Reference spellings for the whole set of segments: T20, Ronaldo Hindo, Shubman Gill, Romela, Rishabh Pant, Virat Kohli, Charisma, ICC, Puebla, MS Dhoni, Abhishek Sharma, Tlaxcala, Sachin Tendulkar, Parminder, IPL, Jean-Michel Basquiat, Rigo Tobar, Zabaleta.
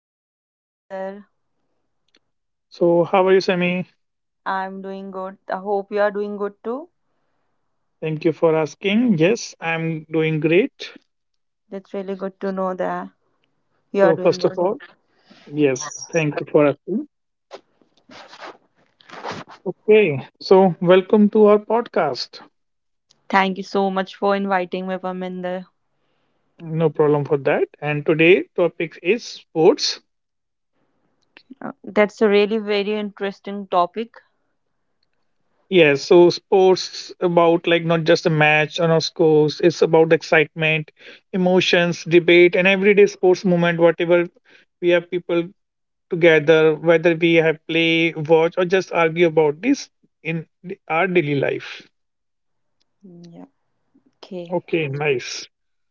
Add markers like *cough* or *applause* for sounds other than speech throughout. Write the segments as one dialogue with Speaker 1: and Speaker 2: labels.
Speaker 1: Hello, Parminder.
Speaker 2: So, how are you, Sammy?
Speaker 1: I'm doing good. I hope you are doing good too.
Speaker 2: Thank you for asking. Yes, I'm doing great.
Speaker 1: That's really good to know that you are
Speaker 2: So,
Speaker 1: doing
Speaker 2: first of
Speaker 1: good.
Speaker 2: all, yes, thank you for asking. Okay, so welcome to our podcast.
Speaker 1: Thank you so much for inviting me, Parminder.
Speaker 2: No problem for that. And today topic is sports.
Speaker 1: That's a really very interesting topic.
Speaker 2: Yes, so sports about like not just a match or no scores. It's about excitement, emotions, debate, and everyday sports moment. Whatever we have people together, whether we have play, watch, or just argue about this in our daily life.
Speaker 1: Yeah. Okay.
Speaker 2: Okay, nice.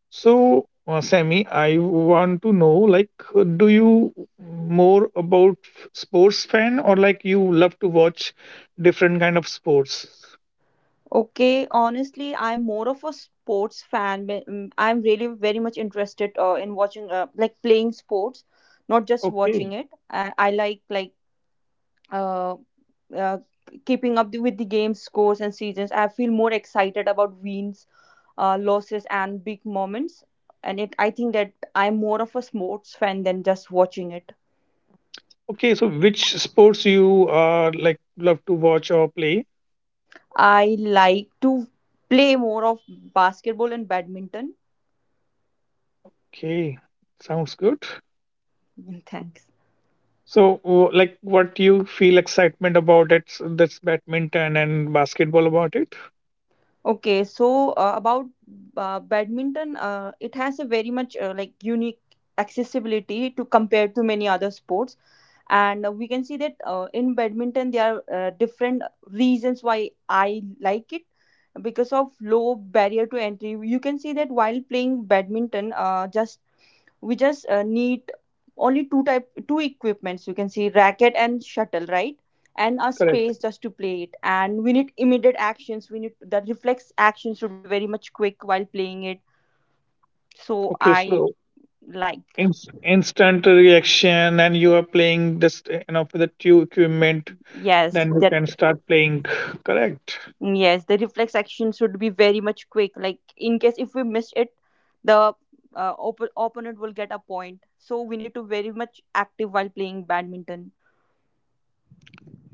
Speaker 2: So, Sammy, I want to know, like, do you more about sports fan or like you love to watch different kind of sports?
Speaker 1: Okay. Honestly, I'm more of a sports fan, but, I'm really very much interested in watching, like playing sports, not just
Speaker 2: Okay.
Speaker 1: watching it. I like uh, uh, keeping up with the game scores and seasons. I feel more excited about wins, losses, and big moments. And I think that I'm more of a sports fan than just watching it.
Speaker 2: Okay, so which sports you like love to watch or play?
Speaker 1: I like to play more of basketball and badminton.
Speaker 2: Okay, sounds good.
Speaker 1: *laughs* Thanks.
Speaker 2: So, like, what you feel excitement about it? So that's badminton and basketball about it.
Speaker 1: Okay, so about badminton, it has a very much like unique accessibility to compare to many other sports, and we can see that in badminton there are different reasons why I like it. Because of low barrier to entry, you can see that while playing badminton, just we just need only two equipments. You can see racket and shuttle, right? And a
Speaker 2: Correct.
Speaker 1: space just to play it. And we need immediate actions, we need the reflex actions should be very much quick while playing it. So
Speaker 2: Okay,
Speaker 1: I
Speaker 2: so
Speaker 1: like.
Speaker 2: instant reaction, and you are playing this, eh, you know, for the two equipment.
Speaker 1: Yes,
Speaker 2: Then you
Speaker 1: that.
Speaker 2: can start playing. Correct.
Speaker 1: Mm, yes, the reflex action should be very much quick. Like in case if we miss it, the opponent will get a point. So we need to very much active while playing badminton.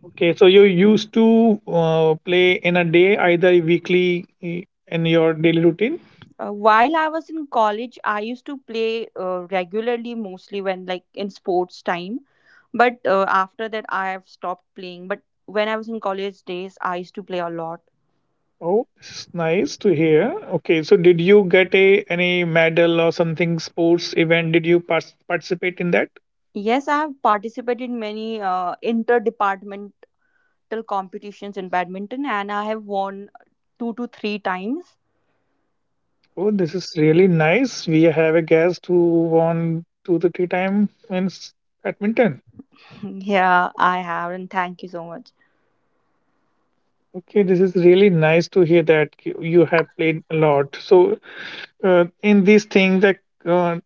Speaker 2: Okay, so you used to play in a day, either weekly in your daily routine.
Speaker 1: While I was in college, I used to play regularly, mostly when like in sports time. But after that, I have stopped playing. But when I was in college days, I used to play a lot.
Speaker 2: Oh, it's nice to hear. Okay, so did you get a any medal or something sports event? Did you participate in that?
Speaker 1: Yes, I have participated in many inter competitions in badminton and I have won two to three times.
Speaker 2: Oh, this is really nice. We have a guest who won two to three time in badminton.
Speaker 1: *laughs* Yeah, I have, and thank you so much.
Speaker 2: Okay, this is really nice to hear that you have played a lot. So, in these things, like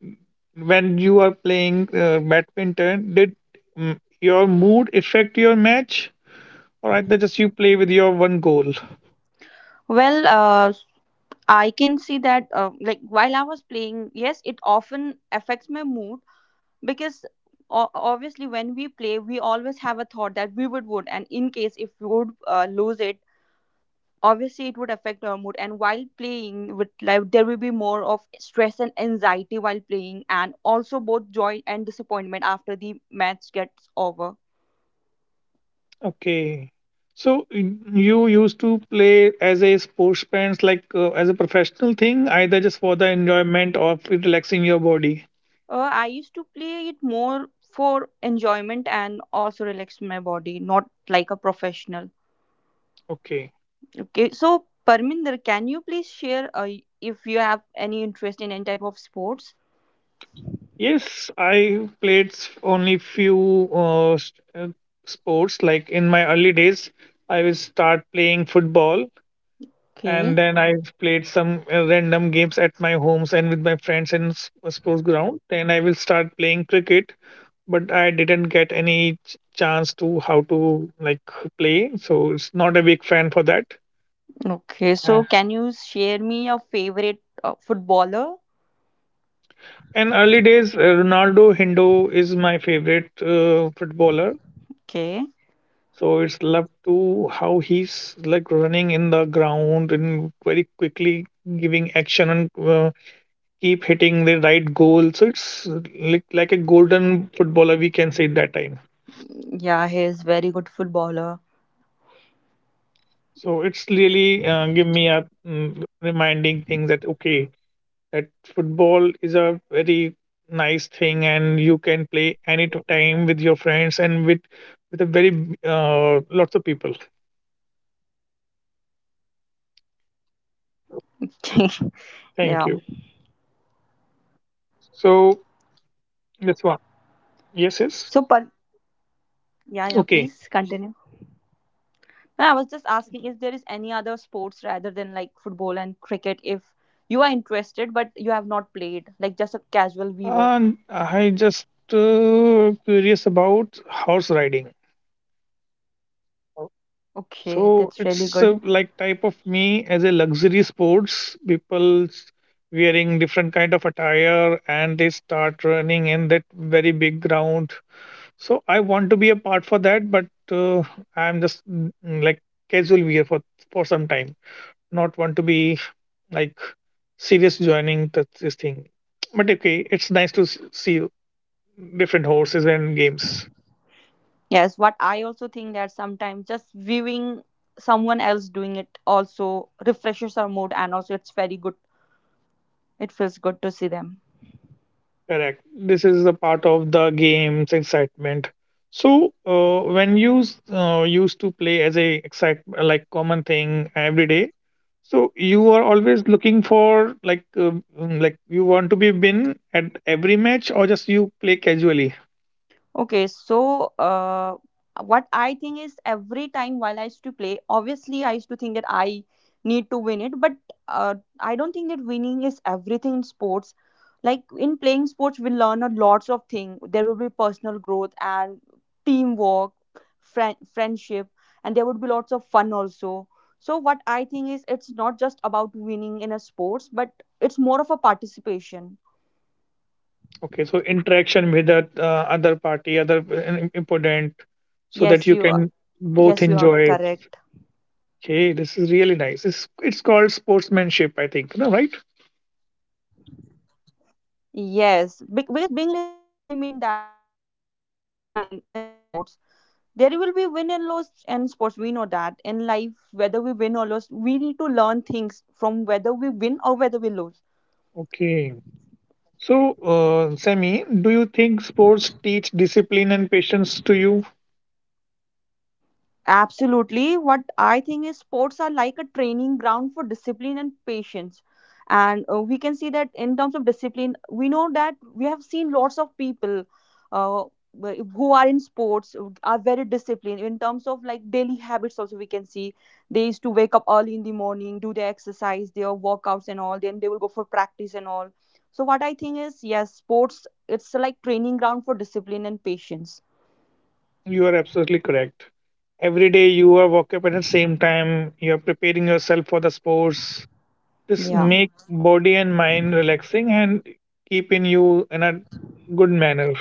Speaker 2: when you are playing badminton, did your mood affect your match, or either just you play with your one goal?
Speaker 1: Well, I can see that, like, while I was playing, yes, it often affects my mood because obviously, when we play, we always have a thought that we would win, and in case if we would lose it, obviously it would affect our mood. And while playing with life there will be more of stress and anxiety while playing, and also both joy and disappointment after the match gets over.
Speaker 2: Okay. So you used to play as a sportsman, like as a professional thing, either just for the enjoyment or for relaxing your body.
Speaker 1: I used to play it more for enjoyment and also relax my body, not like a professional.
Speaker 2: Okay.
Speaker 1: Okay, so Parminder, can you please share if you have any interest in any type of sports?
Speaker 2: Yes, I played only few sports. Like in my early days, I will start playing football,
Speaker 1: Okay.
Speaker 2: and then I played some random games at my homes and with my friends in sports ground. Then I will start playing cricket, but I didn't get any chance to how to like play. So it's not a big fan for that.
Speaker 1: Okay,
Speaker 2: Uh,
Speaker 1: so can you share me your favorite footballer?
Speaker 2: In early days, Ronaldo Hindo is my favorite footballer.
Speaker 1: Okay.
Speaker 2: So it's love to how he's like running in the ground and very quickly giving action and keep hitting the right goal. So it's like a golden footballer we can say that time.
Speaker 1: Yeah, he is very good footballer.
Speaker 2: So it's really give me a reminding thing that okay that football is a very nice thing and you can play any time with your friends and with a very lots of people.
Speaker 1: *laughs* Yeah.
Speaker 2: Thank you.
Speaker 1: So,
Speaker 2: So
Speaker 1: but
Speaker 2: that's one.
Speaker 1: yeah, yeah, please
Speaker 2: Yes, yes.
Speaker 1: continue. No, I was just
Speaker 2: Okay,
Speaker 1: asking if there is any other sports rather than like football and cricket. If you are interested, but you have not played, like just a casual viewer.
Speaker 2: and I just curious about horse riding.
Speaker 1: Okay, that's really good.
Speaker 2: So it's like type of me as a luxury sports people wearing different kind of attire and they start running in that very big ground. So I want to be a part for that, but uh, I'm just like casual wear for some time. Not want to be like serious joining this thing. But okay, it's nice to see different horses and games.
Speaker 1: Yes, what I also think that sometimes just viewing someone else doing it also refreshes our mood, and also it's very good. It feels good to see them.
Speaker 2: Correct. This is the part of the game's excitement. So when you used to play as a excite like common thing every day, so you are always looking for like like you want to be win at every match or just you play casually.
Speaker 1: Okay, so what I think is every time while I used to play, obviously I used to think that I need to win it, but I don't think that winning is everything in sports. Like in playing sports, we learn a lots of things. There will be personal growth and teamwork, friendship, and there would be lots of fun also. So what I think is it's not just about winning in a sports, but it's more of a participation.
Speaker 2: Okay, so interaction with the other party, other important, so that
Speaker 1: Yes,
Speaker 2: you
Speaker 1: you are.
Speaker 2: can both
Speaker 1: Yes, you are
Speaker 2: enjoy.
Speaker 1: correct.
Speaker 2: Okay, this is really nice. It's called sportsmanship, I think. No, right?
Speaker 1: Yes, because being in a sports, it does not only mean that you are just playing to win in the sports. There will be win and loss in sports. We know that in life, whether we win or lose, we need to learn things from whether we win or whether we lose.
Speaker 2: Okay. So, Sammy, do you think sports teach discipline and patience to you?
Speaker 1: Absolutely. What I think is sports are like a training ground for discipline and patience. And we can see that in terms of discipline, we know that we have seen lots of people uh, who are in sports are very disciplined in terms of like daily habits. Also, we can see they used to wake up early in the morning, do their exercise, their workouts, and all. Then they will go for practice and all. So, what I think is, yes, sports it's like training ground for discipline and patience.
Speaker 2: You are absolutely correct. Every day you are waking up at the same time, you are preparing yourself for the sports. This
Speaker 1: Yeah.
Speaker 2: make body and mind relaxing and keeping you in a good manner.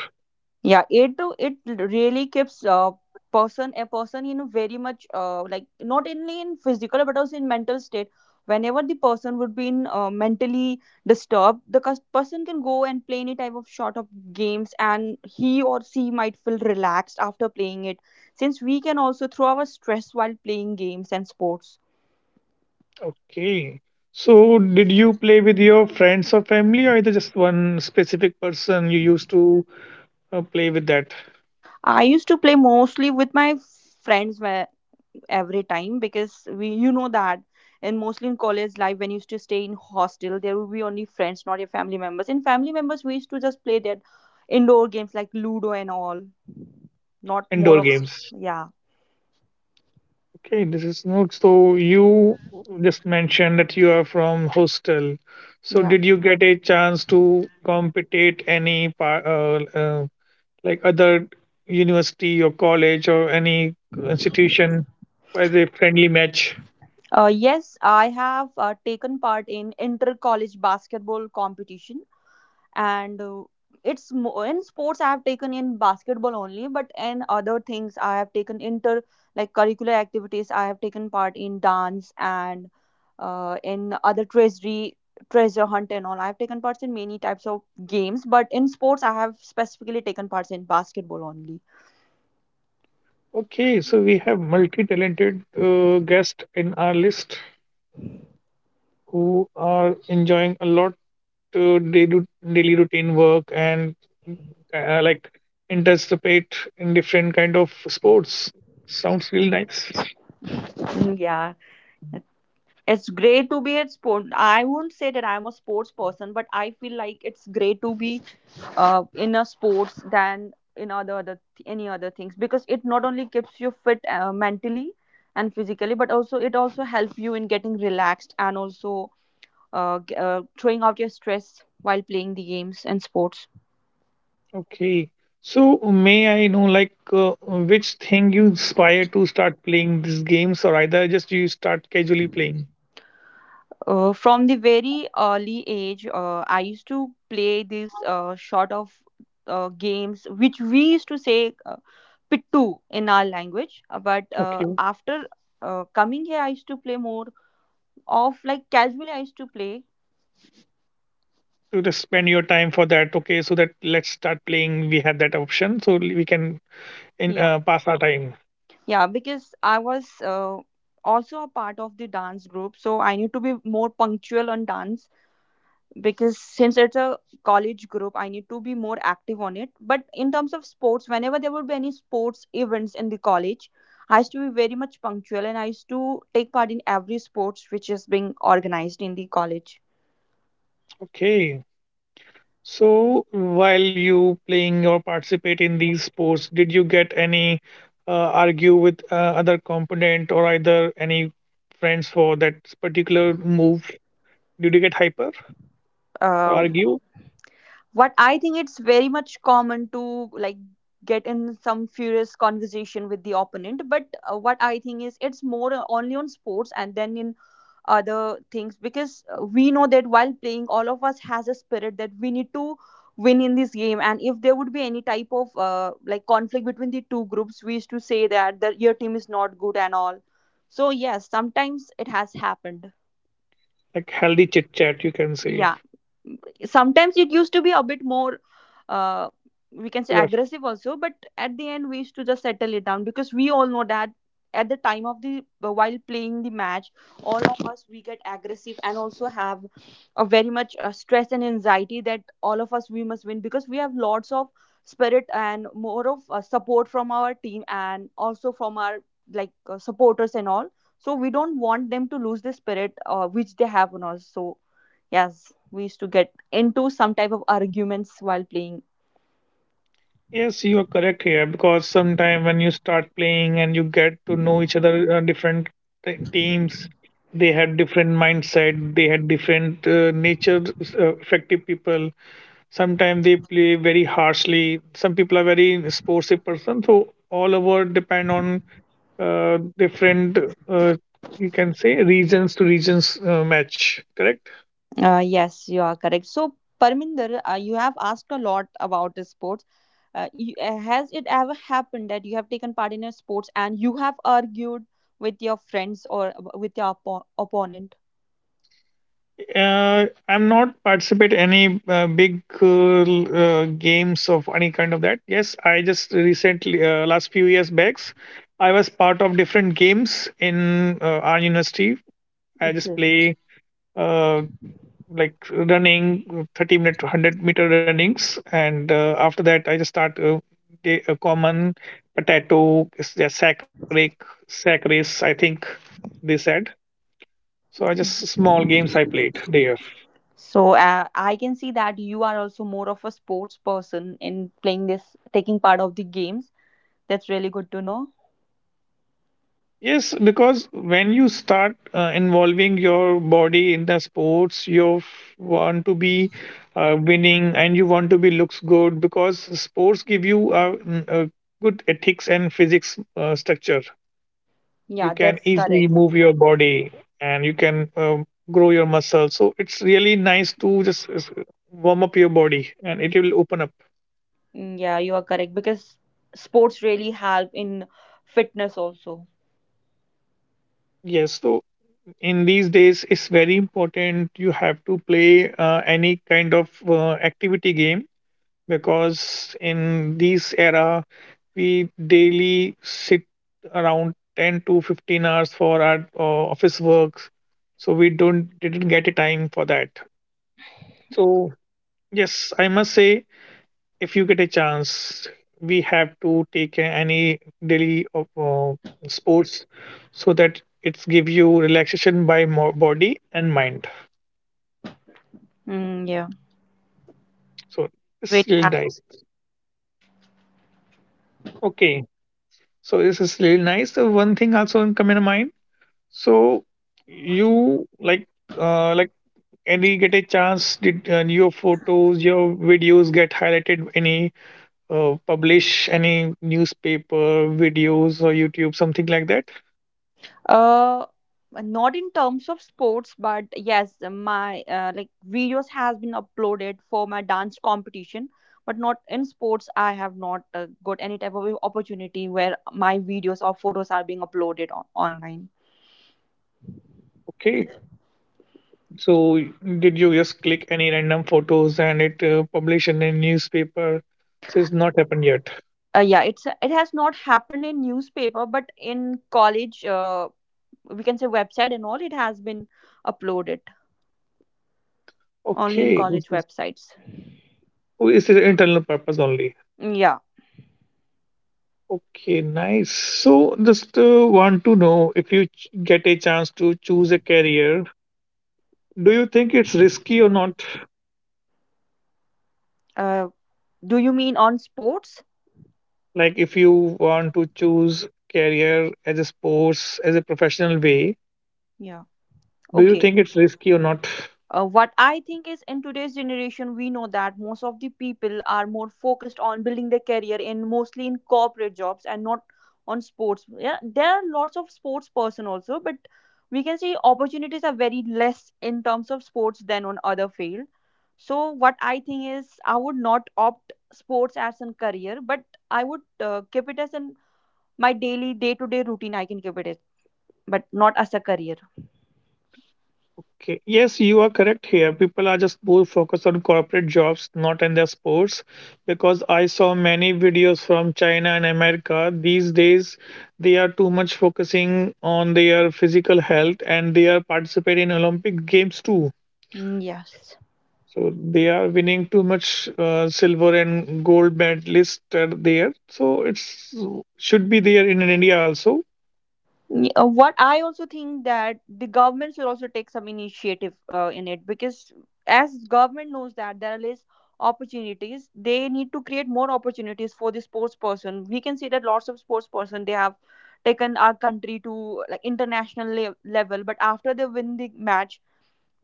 Speaker 1: Yeah, it do it really keeps a person in a very much like not only in physical but also in mental state. Whenever the person would be in mentally disturbed, the person can go and play any type of short of games, and he or she might feel relaxed after playing it, since we can also throw our stress while playing games and sports.
Speaker 2: Okay. So, did you play with your friends or family, or either just one specific person you used to play with that
Speaker 1: I used to play mostly with my friends where every time, because we you know that, and mostly in college life when you used to stay in hostel, there will be only friends, not your family members. And family members we used to just play that indoor games like ludo and all, not more
Speaker 2: indoor
Speaker 1: of.
Speaker 2: games?
Speaker 1: Yeah.
Speaker 2: Okay, this is Nook. So you just mentioned that you are from hostel. So
Speaker 1: Yeah.
Speaker 2: did you get a chance to compete any like other university or college or any institution by the friendly match?
Speaker 1: Yes, I have taken part in inter college basketball competition. And it's more in sports I have taken in basketball only, but in other things I have taken inter like curricular activities. I have taken part in dance, and in other treasury treasure hunt and all. I have taken parts in many types of games, but in sports I have specifically taken parts in basketball only.
Speaker 2: Okay, so we have multi-talented guests in our list who are enjoying a lot to they do daily routine work and like participate in different kind of sports. Sounds really nice.
Speaker 1: Mm, yeah, it's great to be at sport. I would not say that I'm a sports person, but I feel like it's great to be in a sports than in other any other things, because it not only keeps you fit mentally and physically, but also it also helps you in getting relaxed and also throwing out your stress while playing the games and sports.
Speaker 2: Okay. So may I know like which thing you inspire to start playing these games or either just you start casually playing?
Speaker 1: From the very early age, I used to play these sort of games which we used to say pittu in our language. But
Speaker 2: Okay.
Speaker 1: after coming here I used to play more of like casually I used to play.
Speaker 2: To just spend your time for that. Okay. So that let's start playing. We have that option. So we can in
Speaker 1: Yeah,
Speaker 2: pass our time.
Speaker 1: yeah, because I was also a part of the dance group, so I need to be more punctual on dance, because since it's a college group, I need to be more active on it. But in terms of sports, whenever there would be any sports events in the college, I used to be very much punctual and I used to take part in every sports which is being organized in the college.
Speaker 2: Okay. So, while you playing or participate in these sports, did you get any uh, argue with other component or either any friends for that particular move? Did you get hyper or
Speaker 1: Uh,
Speaker 2: argue?
Speaker 1: what I think it's very much common to like get in some furious conversation with the opponent, but what I think is it's more only on sports and then in other things, because we know that while playing all of us has a spirit that we need to win in this game. And if there would be any type of like conflict between the two groups, we used to say that your team is not good and all. So yes, sometimes it has happened.
Speaker 2: Like healthy chit chat, you can say.
Speaker 1: Yeah, sometimes it used to be a bit more, uh, we can say
Speaker 2: Rough.
Speaker 1: aggressive also, but at the end we used to just settle it down, because we all know that at the time of the while playing the match all of us we get aggressive and also have a very much stress and anxiety that all of us we must win, because we have lots of spirit and more of support from our team and also from our like supporters and all. So we don't want them to lose the spirit which they have on us. So yes, we used to get into some type of arguments while playing.
Speaker 2: Yes, you are correct here because sometime when you start playing and you get to know each other, different teams, they had different mindset, they had different nature, effective people. Sometimes they play very harshly. Some people are very sportsy person. So all over depend on different uh, you can say regions to regions match. Correct.
Speaker 1: Yes, you are correct. So, Parminder, you have asked a lot about the sports. Has it ever happened that you have taken part in a sports and you have argued with your friends or with your opponent?
Speaker 2: I'm not participate any big games of any kind of that. Yes, I just recently last few years backs, I was part of different games in our university. I just
Speaker 1: Okay.
Speaker 2: play uh, like running 30 minute 100-meter runnings and after that I just start the a common potato is there sack race I think they said. So I just small games I played there.
Speaker 1: So, I can see that you are also more of a sports person in playing this, taking part of the games. That's really good to know.
Speaker 2: Yes, because when you start involving your body in the sports you want to be winning and you want to be looks good because sports give you a good ethics and physics structure. You
Speaker 1: Yeah,
Speaker 2: can
Speaker 1: that's
Speaker 2: easily
Speaker 1: correct.
Speaker 2: move your body and you can grow your muscles, so it's really nice to just warm up your body and it will open up.
Speaker 1: Mm, yeah, you are correct because sports really help in fitness also.
Speaker 2: Yes, so in these days it's very important you have to play any kind of activity game, because in this era we daily sit around 10 to 15 hours for our office works. So we don't didn't get a time for that. So yes I must say, if you get a chance, we have to take any daily of, sports, so that it's give you relaxation by body and mind.
Speaker 1: Mm, yeah,
Speaker 2: So it's
Speaker 1: really
Speaker 2: really
Speaker 1: help.
Speaker 2: nice. Okay, so this is really nice. So one thing also come in mind. So you like any get a chance did your photos your videos get highlighted any publish any newspaper videos or YouTube something like that.
Speaker 1: Uh, Not in terms of sports, but yes, my like videos has been uploaded for my dance competition, but not in sports. I have not got any type of opportunity where my videos or photos are being uploaded online.
Speaker 2: Okay. So did you just click any random photos and it published in a newspaper? So it's not happened yet.
Speaker 1: Yeah, it has not happened in newspaper, but in college, we can say website and all, it has been uploaded. Only on
Speaker 2: Okay,
Speaker 1: college
Speaker 2: this is
Speaker 1: websites.
Speaker 2: oh, it's an internal purpose only.
Speaker 1: Yeah.
Speaker 2: Okay, nice. So just want to know if you get a chance to choose a career, do you think it's risky or not?
Speaker 1: Uh, do you mean on sports?
Speaker 2: Like if you want to choose career as a sports as a professional way,
Speaker 1: Yeah.
Speaker 2: do you
Speaker 1: Okay.
Speaker 2: think it's risky or not?
Speaker 1: What I think is in today's generation, we know that most of the people are more focused on building their career in mostly in corporate jobs and not on sports. Yeah, there are lots of sports person also, but we can see opportunities are very less in terms of sports than on other field. So what I think is I would not opt sports as a career, but I would keep it as a my daily day to day routine I can give it is but not as a career.
Speaker 2: Okay. Yes, you are correct here. People are just more focused on corporate jobs, not in their sports. Because I saw many videos from China and America. These days, they are too much focusing on their physical health and they are participating in Olympic Games too.
Speaker 1: Mm, yes.
Speaker 2: So they are winning too much silver and gold medalist are there. So it's should be there in India also.
Speaker 1: What I also think that the government should also take some initiative in it because as government knows that there are less opportunities, they need to create more opportunities for the sports person. We can see that lots of sports person they have taken our country to like international level, but after they win the match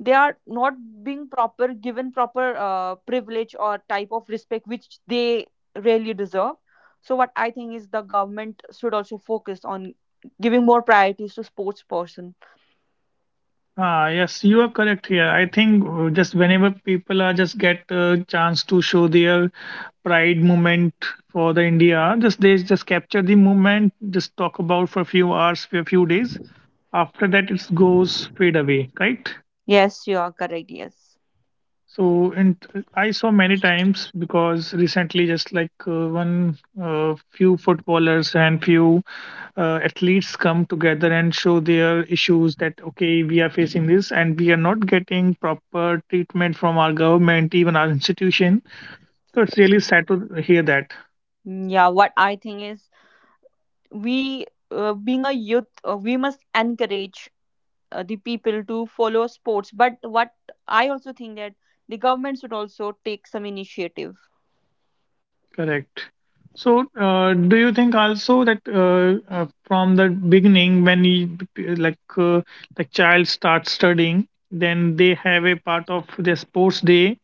Speaker 1: they are not being proper given proper privilege or type of respect which they really deserve. So what I think is the government should also focus on giving more priorities to sports person.
Speaker 2: Ah, yes, you are correct here. I think just whenever people are just get a chance to show their pride moment for the India, just they just capture the moment, just talk about for a few hours, for a few days. After that, it goes fade away, right?
Speaker 1: Yes, you are correct, yes.
Speaker 2: So, and I saw many times because recently, just like one few footballers and few athletes come together and show their issues that okay, we are facing this and we are not getting proper treatment from our government, even our institution. So it's really sad to hear that.
Speaker 1: Mm, yeah, what I think is we being a youth we must encourage the people to follow sports, but what I also think that the government should also take some initiative.
Speaker 2: Correct. So, do you think also that from the beginning, when he like the child starts studying, then they have a part of their sports day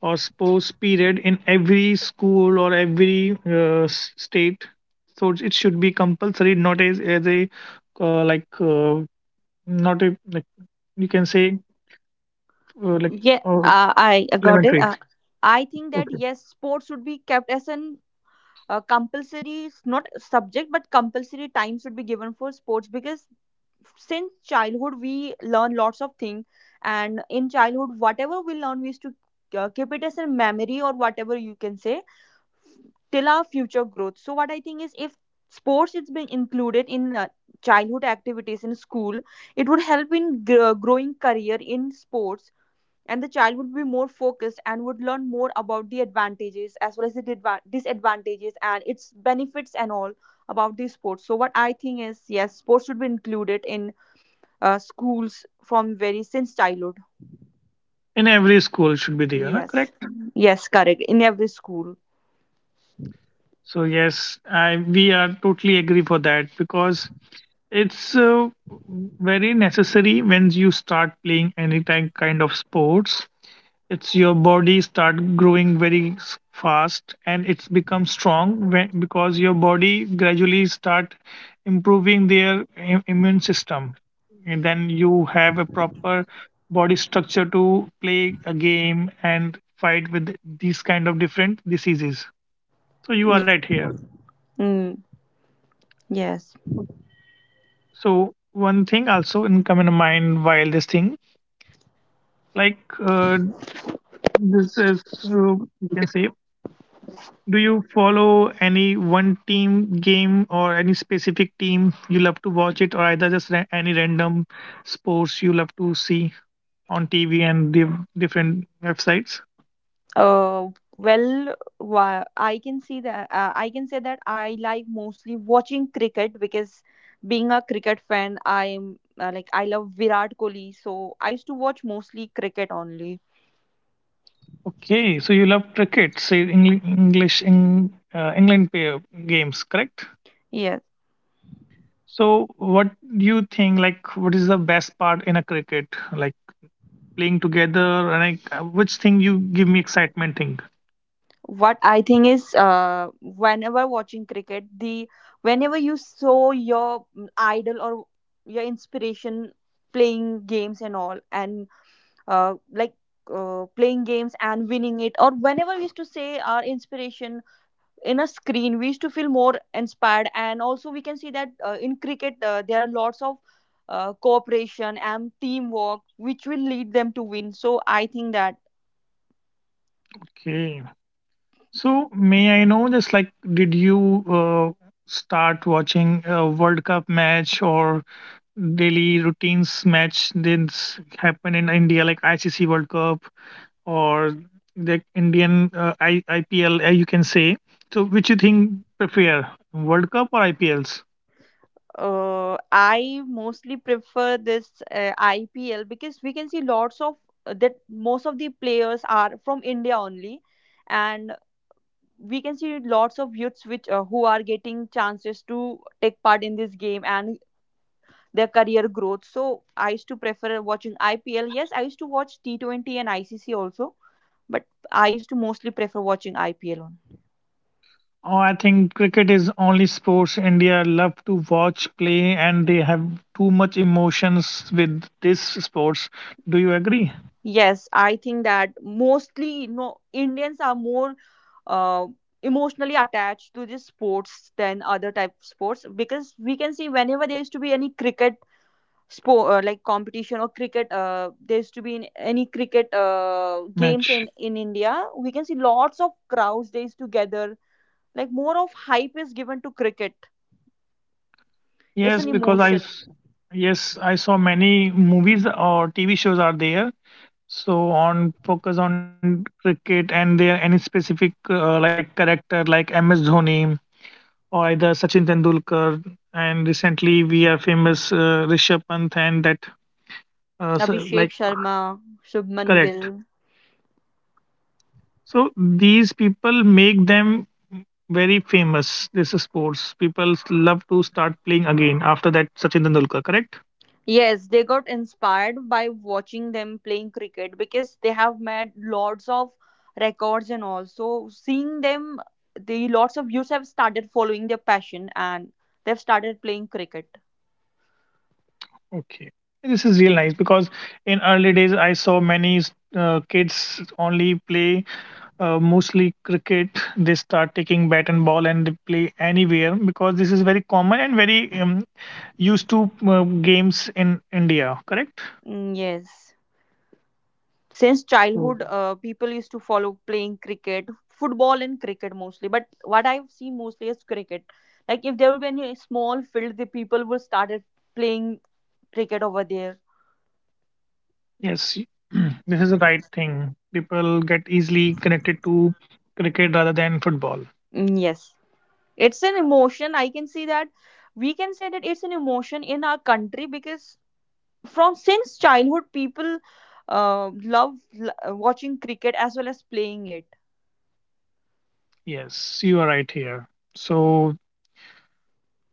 Speaker 2: or sports period in every school or every state? So it should be compulsory, not as as a like not a like you can say like
Speaker 1: Yeah,
Speaker 2: uh,
Speaker 1: I got it.
Speaker 2: elementary.
Speaker 1: I think that
Speaker 2: Okay,
Speaker 1: yes, sports should be kept as an compulsory, not subject, but compulsory time should be given for sports because since childhood we learn lots of things, and in childhood whatever we learn we used to keep it as a memory or whatever you can say till our future growth. So what I think is if sports is being included in childhood activities in school, it would help in growing career in sports, and the child would be more focused and would learn more about the advantages as well as the disadvantages and its benefits and all about these sports. So what I think is yes, sports should be included in schools from very since childhood.
Speaker 2: in every school should be there, na?
Speaker 1: Yes.
Speaker 2: Correct?
Speaker 1: Yes, correct, in every school.
Speaker 2: So yes, I we are totally agree for that because it's very necessary when you start playing any kind of sports. It's your body start growing very fast and it's become strong when, because your body gradually start improving their immune system. And then you have a proper body structure to play a game and fight with these kind of different diseases. So you are
Speaker 1: Ye-
Speaker 2: right here.
Speaker 1: mm, yes.
Speaker 2: So one thing also in come in mind while this thing like uh, this is you can say do you follow any one team game or any specific team you love to watch it or either just any random sports you love to see on TV and the different websites?
Speaker 1: I can see that I can say that I like mostly watching cricket because being a cricket fan, I'm like I love Virat Kohli, so I used to watch mostly cricket only.
Speaker 2: Okay, so you love cricket, say English in England pair games, correct?
Speaker 1: Yes.
Speaker 2: So what do you think like what is the best part in a cricket? Like playing together and like which thing you give me excitement thing.
Speaker 1: What I think is, whenever watching cricket, the whenever you saw your idol or your inspiration playing games and all, and uh, like playing games and winning it, or whenever we used to say our inspiration in a screen we used to feel more inspired. And also we can see that in cricket there are lots of cooperation and teamwork which will lead them to win, so I think that
Speaker 2: Okay, so may I know just like did you uh, start watching a World Cup match or daily routines match, did happen in India like ICC World Cup or the Indian IPL you can say, so which you think prefer, World Cup or IPLs?
Speaker 1: I mostly prefer this IPL because we can see lots of that most of the players are from india only, and we can see lots of youths which who are getting chances to take part in this game and their career growth. So I used to prefer watching IPL. Yes, I used to watch T20 and ICC also, but I used to mostly prefer watching IPL on.
Speaker 2: Oh, I think cricket is only sports India love to watch play, and they have too much emotions with this sports. Do you agree?
Speaker 1: Yes, I think that mostly no Indians are more uh, emotionally attached to this sports than other type of sports because we can see whenever there used to be any cricket sport like competition or cricket there used to be in any cricket games
Speaker 2: Match.
Speaker 1: in India we can see lots of crowds they used to gather like more of hype is given to cricket. It's
Speaker 2: Yes,
Speaker 1: an
Speaker 2: because I
Speaker 1: emotion.
Speaker 2: yes I saw many movies or TV shows are there. So on focus on cricket and there any specific like character like MS Dhoni or either Sachin Tendulkar, and recently we are famous Rishabh Pant and that so,
Speaker 1: Abhishek
Speaker 2: like
Speaker 1: Sharma, Shubman
Speaker 2: correct.
Speaker 1: Gill.
Speaker 2: So these people make them very famous. This is sports. People love to start playing again after that Sachin Tendulkar, correct?
Speaker 1: Yes, they got inspired by watching them playing cricket because they have made lots of records and all. So seeing them, the lots of youths have started following their passion and they've started playing cricket.
Speaker 2: Okay. This is real nice because in early days I saw many kids only play mostly cricket. They start taking bat and ball and they play anywhere because this is very common and very used to games in India, correct?
Speaker 1: Mm, yes. Since childhood people used to follow playing cricket football and cricket mostly, but what I've seen mostly is cricket. Like if there will be any small field the people will started playing cricket over there.
Speaker 2: Yes, y- *clears throat* this is the right thing. People get easily connected to cricket rather than football.
Speaker 1: Mm, yes, it's an emotion I can see that. We can say that it's an emotion in our country because from since childhood people watching cricket as well as playing it.
Speaker 2: Yes, you are right here. So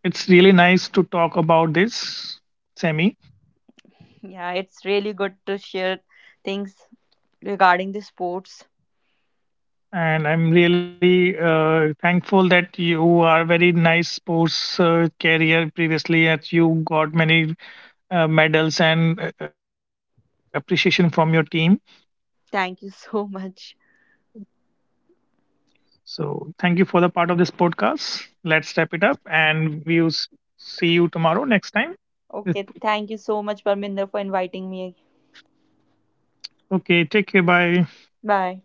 Speaker 2: it's really nice to talk about this, Sammy.
Speaker 1: Yeah, it's really good to share things regarding the sports.
Speaker 2: And I'm really thankful that you are very nice sports career previously, that you got many medals and appreciation from your team.
Speaker 1: Thank you so *laughs* much.
Speaker 2: So thank you for the part of this podcast. Let's wrap it up, and we'll see you tomorrow next time.
Speaker 1: Okay, thank you so much, Parminder, for inviting me.
Speaker 2: Okay, take care. Bye.
Speaker 1: Bye.